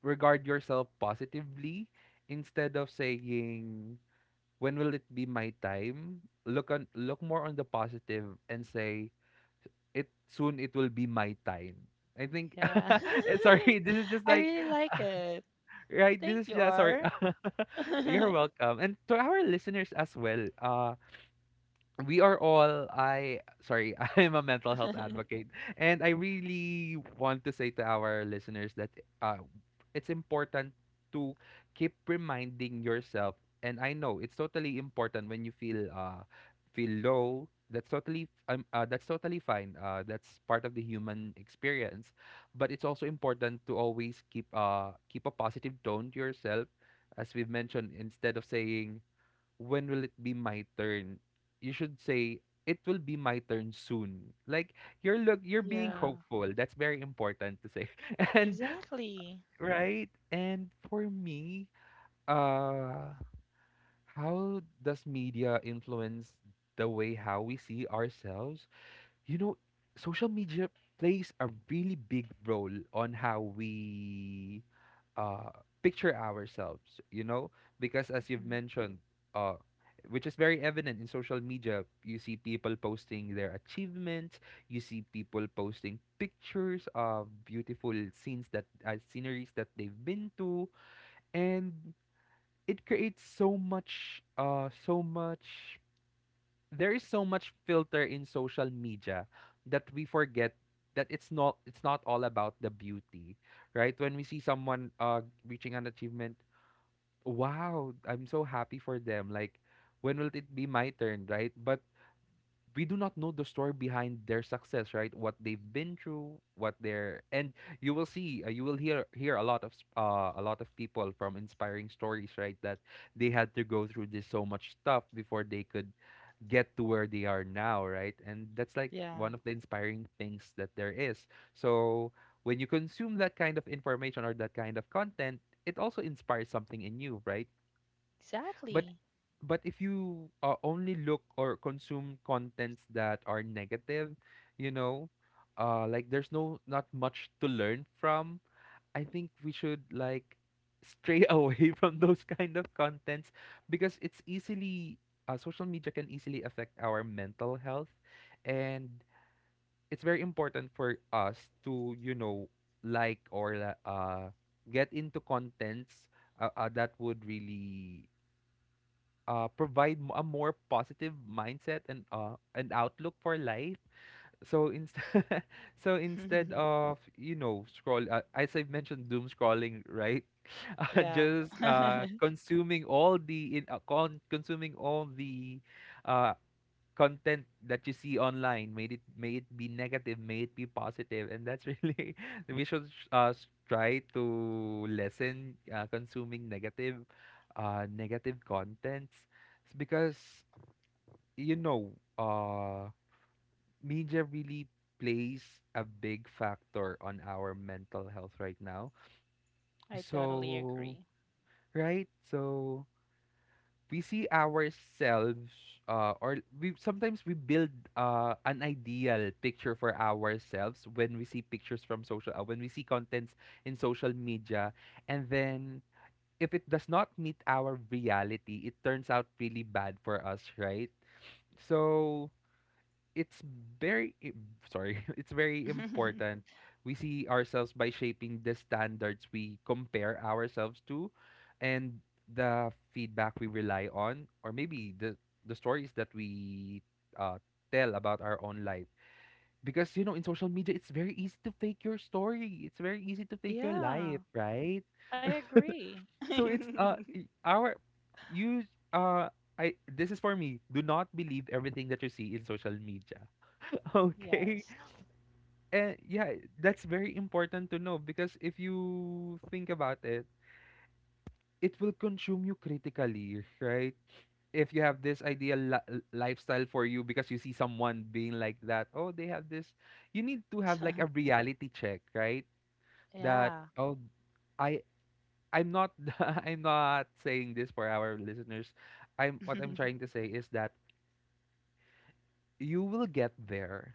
regard yourself positively instead of saying when will it be my time. Look on, look more on the positive and say it soon, it will be my time, I think. Yeah. Sorry, this is just I like really like it. right, Thank this is you, just sorry. R. You're welcome, and to our listeners as well, we are all I sorry, I am a mental health advocate, and I really want to say to our listeners that uh it's important to keep reminding yourself. And I know it's totally important when you feel low. That's totally that's totally fine, that's part of the human experience. But it's also important to always keep a positive tone to yourself, as we've mentioned, instead of saying when will it be my turn? You should say it will be my turn soon. Like you're being Yeah, hopeful. That's very important to say. And exactly. right? And for me, uh how does media influence the way how we see ourselves? You know, social media plays a really big role on how we uh, picture ourselves, you know, because as you've Mhm. mentioned, uh, which is very evident in social media. You see people posting their achievements, you see people posting pictures of beautiful scenes that sceneries that they've been to, and it creates so much, there is so much filter in social media that we forget that it's not all about the beauty, right? When we see someone reaching an achievement, wow, I'm so happy for them. Like, when will it be my turn, right? But we do not know the story behind their success, right? What they've been through, what they're, and you will see, you will hear a lot of a lot of people from inspiring stories, right? That they had to go through this so much stuff before they could get to where they are now, right? And that's like Yeah, one of the inspiring things that there is. So when you consume that kind of information or that kind of content, it also inspires something in you, right? But exactly. but if you only look or consume contents that are negative, you know, like there's no not much to learn from. I think we should like stray away from those kind of contents because it's easily social media can easily affect our mental health. And it's very important for us to you know like get into contents that would really provide a more positive mindset and an outlook for life. So so instead of you know scroll as I've mentioned, doom scrolling, right? Yeah. just I consuming all the consuming all the uh content that you see online, may it be negative, may it be positive. And that's really we should try to lessen consuming negative contents. It's because you know media really plays a big factor on our mental health right now. totally So, agree. right? So, we see ourselves or we sometimes we build an ideal picture for ourselves when we see pictures from social when we see contents in social media. And then if it does not meet our reality, it turns out really bad for us, right? So it's very i- sorry, it's very important. We see ourselves by shaping the standards we compare ourselves to, and the feedback we rely on, or maybe the stories that we uh, tell about our own life. Because you know in social media it's very easy to fake your story, it's very easy to fake your Yeah, life, right? I agree. So it's I- our you uh I this is for me, do not believe everything that you see in social media. Okay. Yes. And yeah, that's very important to know, because if you think about it, it will consume you critically, right? If you have this ideal lifestyle for you because you see someone being like that, oh, they have this, you need to have like a reality check, right? That Yeah. oh, I I'm not I'm not saying this for our listeners. I'm what I'm trying to say is that you will get there,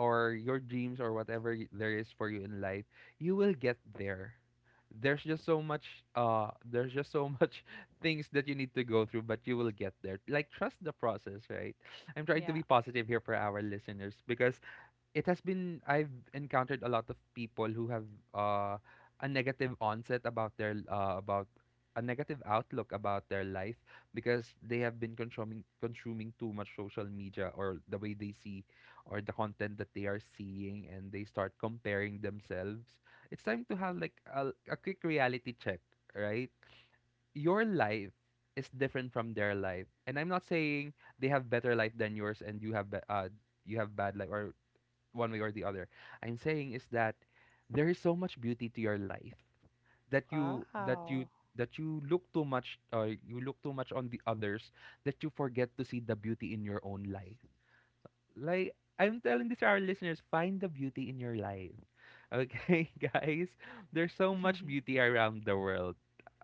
or your dreams or whatever there is for you in life, you will get there. There's just so much there's just so much things that you need to go through, but you will get there. Like trust the process, right? I'm trying to Yeah. be positive here for our listeners because it has been I've encountered a lot of people who have uh, a negative onset about their about a negative outlook about their life because they have been consuming too much social media, or the way they see or the content that they are seeing, and they start comparing themselves. It's time to have like a quick reality check, right? Your life is different from their life, and I'm not saying they have better life than yours and you have you have bad life or one way or the other. I'm saying is that there is so much beauty to your life that you that you Wow. that you look too much you look too much on the others that you forget to see the beauty in your own life. Like I'm telling this to our listeners, find the beauty in your life. Okay, guys? There's so much beauty around the world.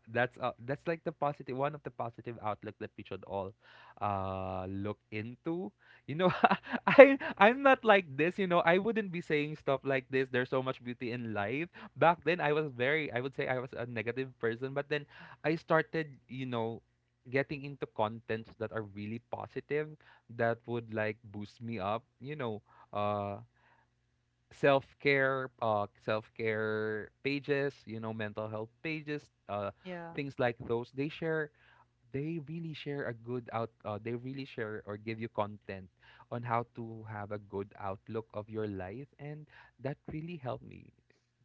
That's like the positive one of the positive outlook that we should all look into, you know. I'm not like this, you know, I wouldn't be saying stuff like this. There's so much beauty in life. Back then I was very, I would say I was a negative person, but then I started, you know, getting into contents that are really positive that would like boost me up, you know. uh Self care, self care pages, you know, mental health pages, Yeah. things like those. They really share a good out. They really share or give you content on how to have a good outlook of your life, and that really helped me.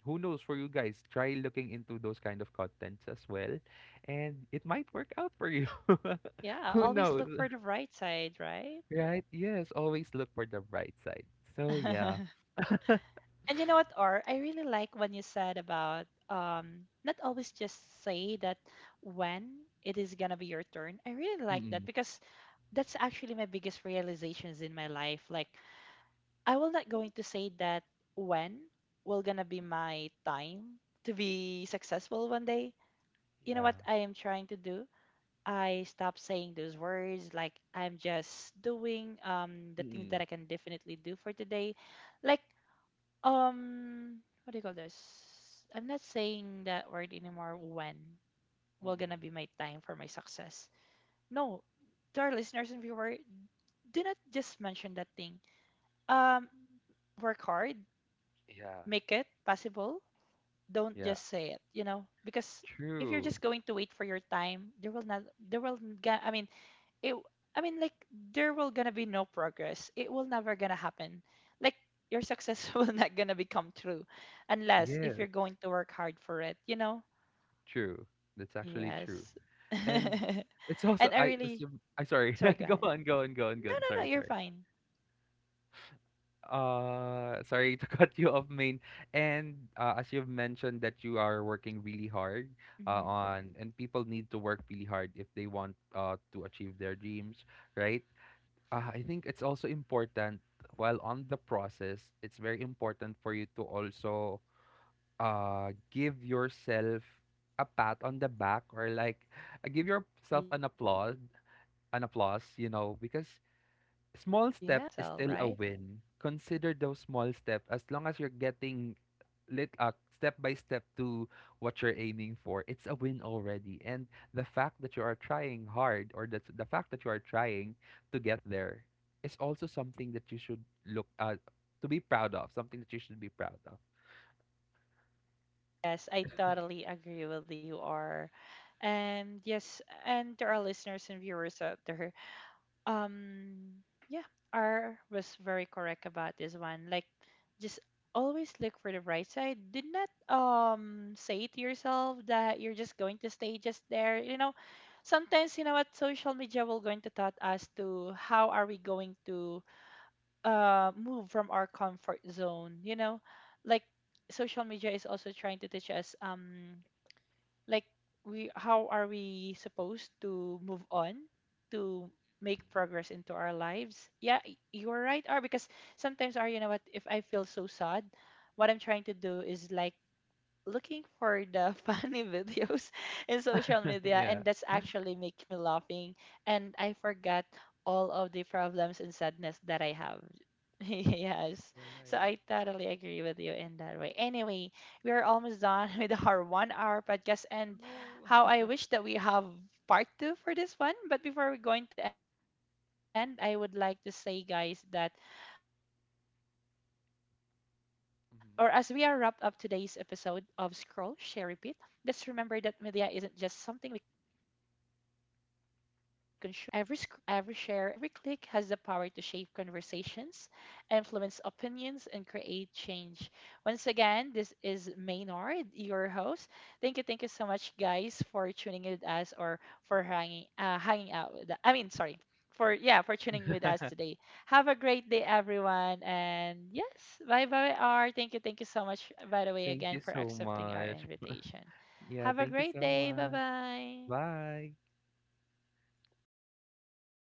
Who knows for you guys? Try looking into those kind of contents as well, and it might work out for you. Yeah. Who Always knows, look for the bright side, right? right? Yes, always look for the bright side. So yeah, And you know what, Or? I really like when you said about, not always just say that when it is gonna be your turn. I really like mm that because that's actually my biggest realizations in my life. Like, I will not going to say that when will gonna be my time to be successful one day. You know yeah. what I am trying to do? I stop saying those words, like I'm just doing the things Mm-mm. that I can definitely do for today. Like, um what do you call this? I'm not saying that word anymore, when will gonna Mm-mm. be my time for my success. No, to our listeners and viewer, do not just mention that thing. Um Work hard, Yeah, make it possible, don't yeah, just say it because if you're true. just going to wait for your time, there will not there will ga- I mean, it, I mean, like, there will gonna be no progress, it will never gonna happen, like your success will not gonna become true unless if Yes, you're going to work hard for it. true. That's actually true. Yes. And it's also And I I really... assume I sorry. Sorry, go Go ahead. on, go on, go on, go No, on. no, no, Sorry, you're sorry. fine. Sorry to cut you off, main. And as you've mentioned that you are working really hard Hmm. And people need to work really hard if they want to achieve their dreams, right? I think it's also important, while on the process, it's very important for you to also give yourself a pat on the back, or like give yourself an Yeah, applause, an applause, you know, saying you're because proud of small yourself, step is right? still a win. Consider those small steps. As long as you're getting lit step by step to what you're aiming for, it's a win already. And the fact that you are trying hard, or that the fact that you are trying to get there is also something that you should look to be proud of, something that you should be proud of. Yes, I totally agree with you, R. And yes, and to our listeners and viewers out there, um, yeah, R was very correct about this one. Like, just always look for the bright side. Do not say to yourself that you're just going to stay just there. You know, sometimes, you know what, social media will going to taught us to how are we going to move from our comfort zone, like social media is also trying to teach us, like, we how are we supposed to move on to make progress into our lives. Yeah, you're right, are, because sometimes, are, you know what, if I feel so sad, what I'm trying to do is like looking for the funny videos in social media, Yeah, and that's actually make me laughing and I forgot all of the problems and sadness that I have. Yes. So right. I totally agree with you in that way. Anyway, we are almost done with our one hour podcast and Oh. how I wish that we have part two for this one. But before we're going to end, I would like to say guys that, or as we are wrapped up today's episode of Scroll, Share, Repeat, Mhm. let's remember that media isn't just something we consume, it's something we participate in every day. Every scroll, every share, and every click has the power to shape conversations, influence opinions, and create change. Once again, this is Maynard, your host. Thank you so much, guys, for tuning in with us, or for hanging out with. I mean, sorry for tuning with us today. Have a great day, everyone. And yes, bye bye, R. Thank you. Thank you so much, by the way, Thank again, you for so accepting our much. invitation. Yeah, Have a thank you great so day. Bye much. bye. Bye.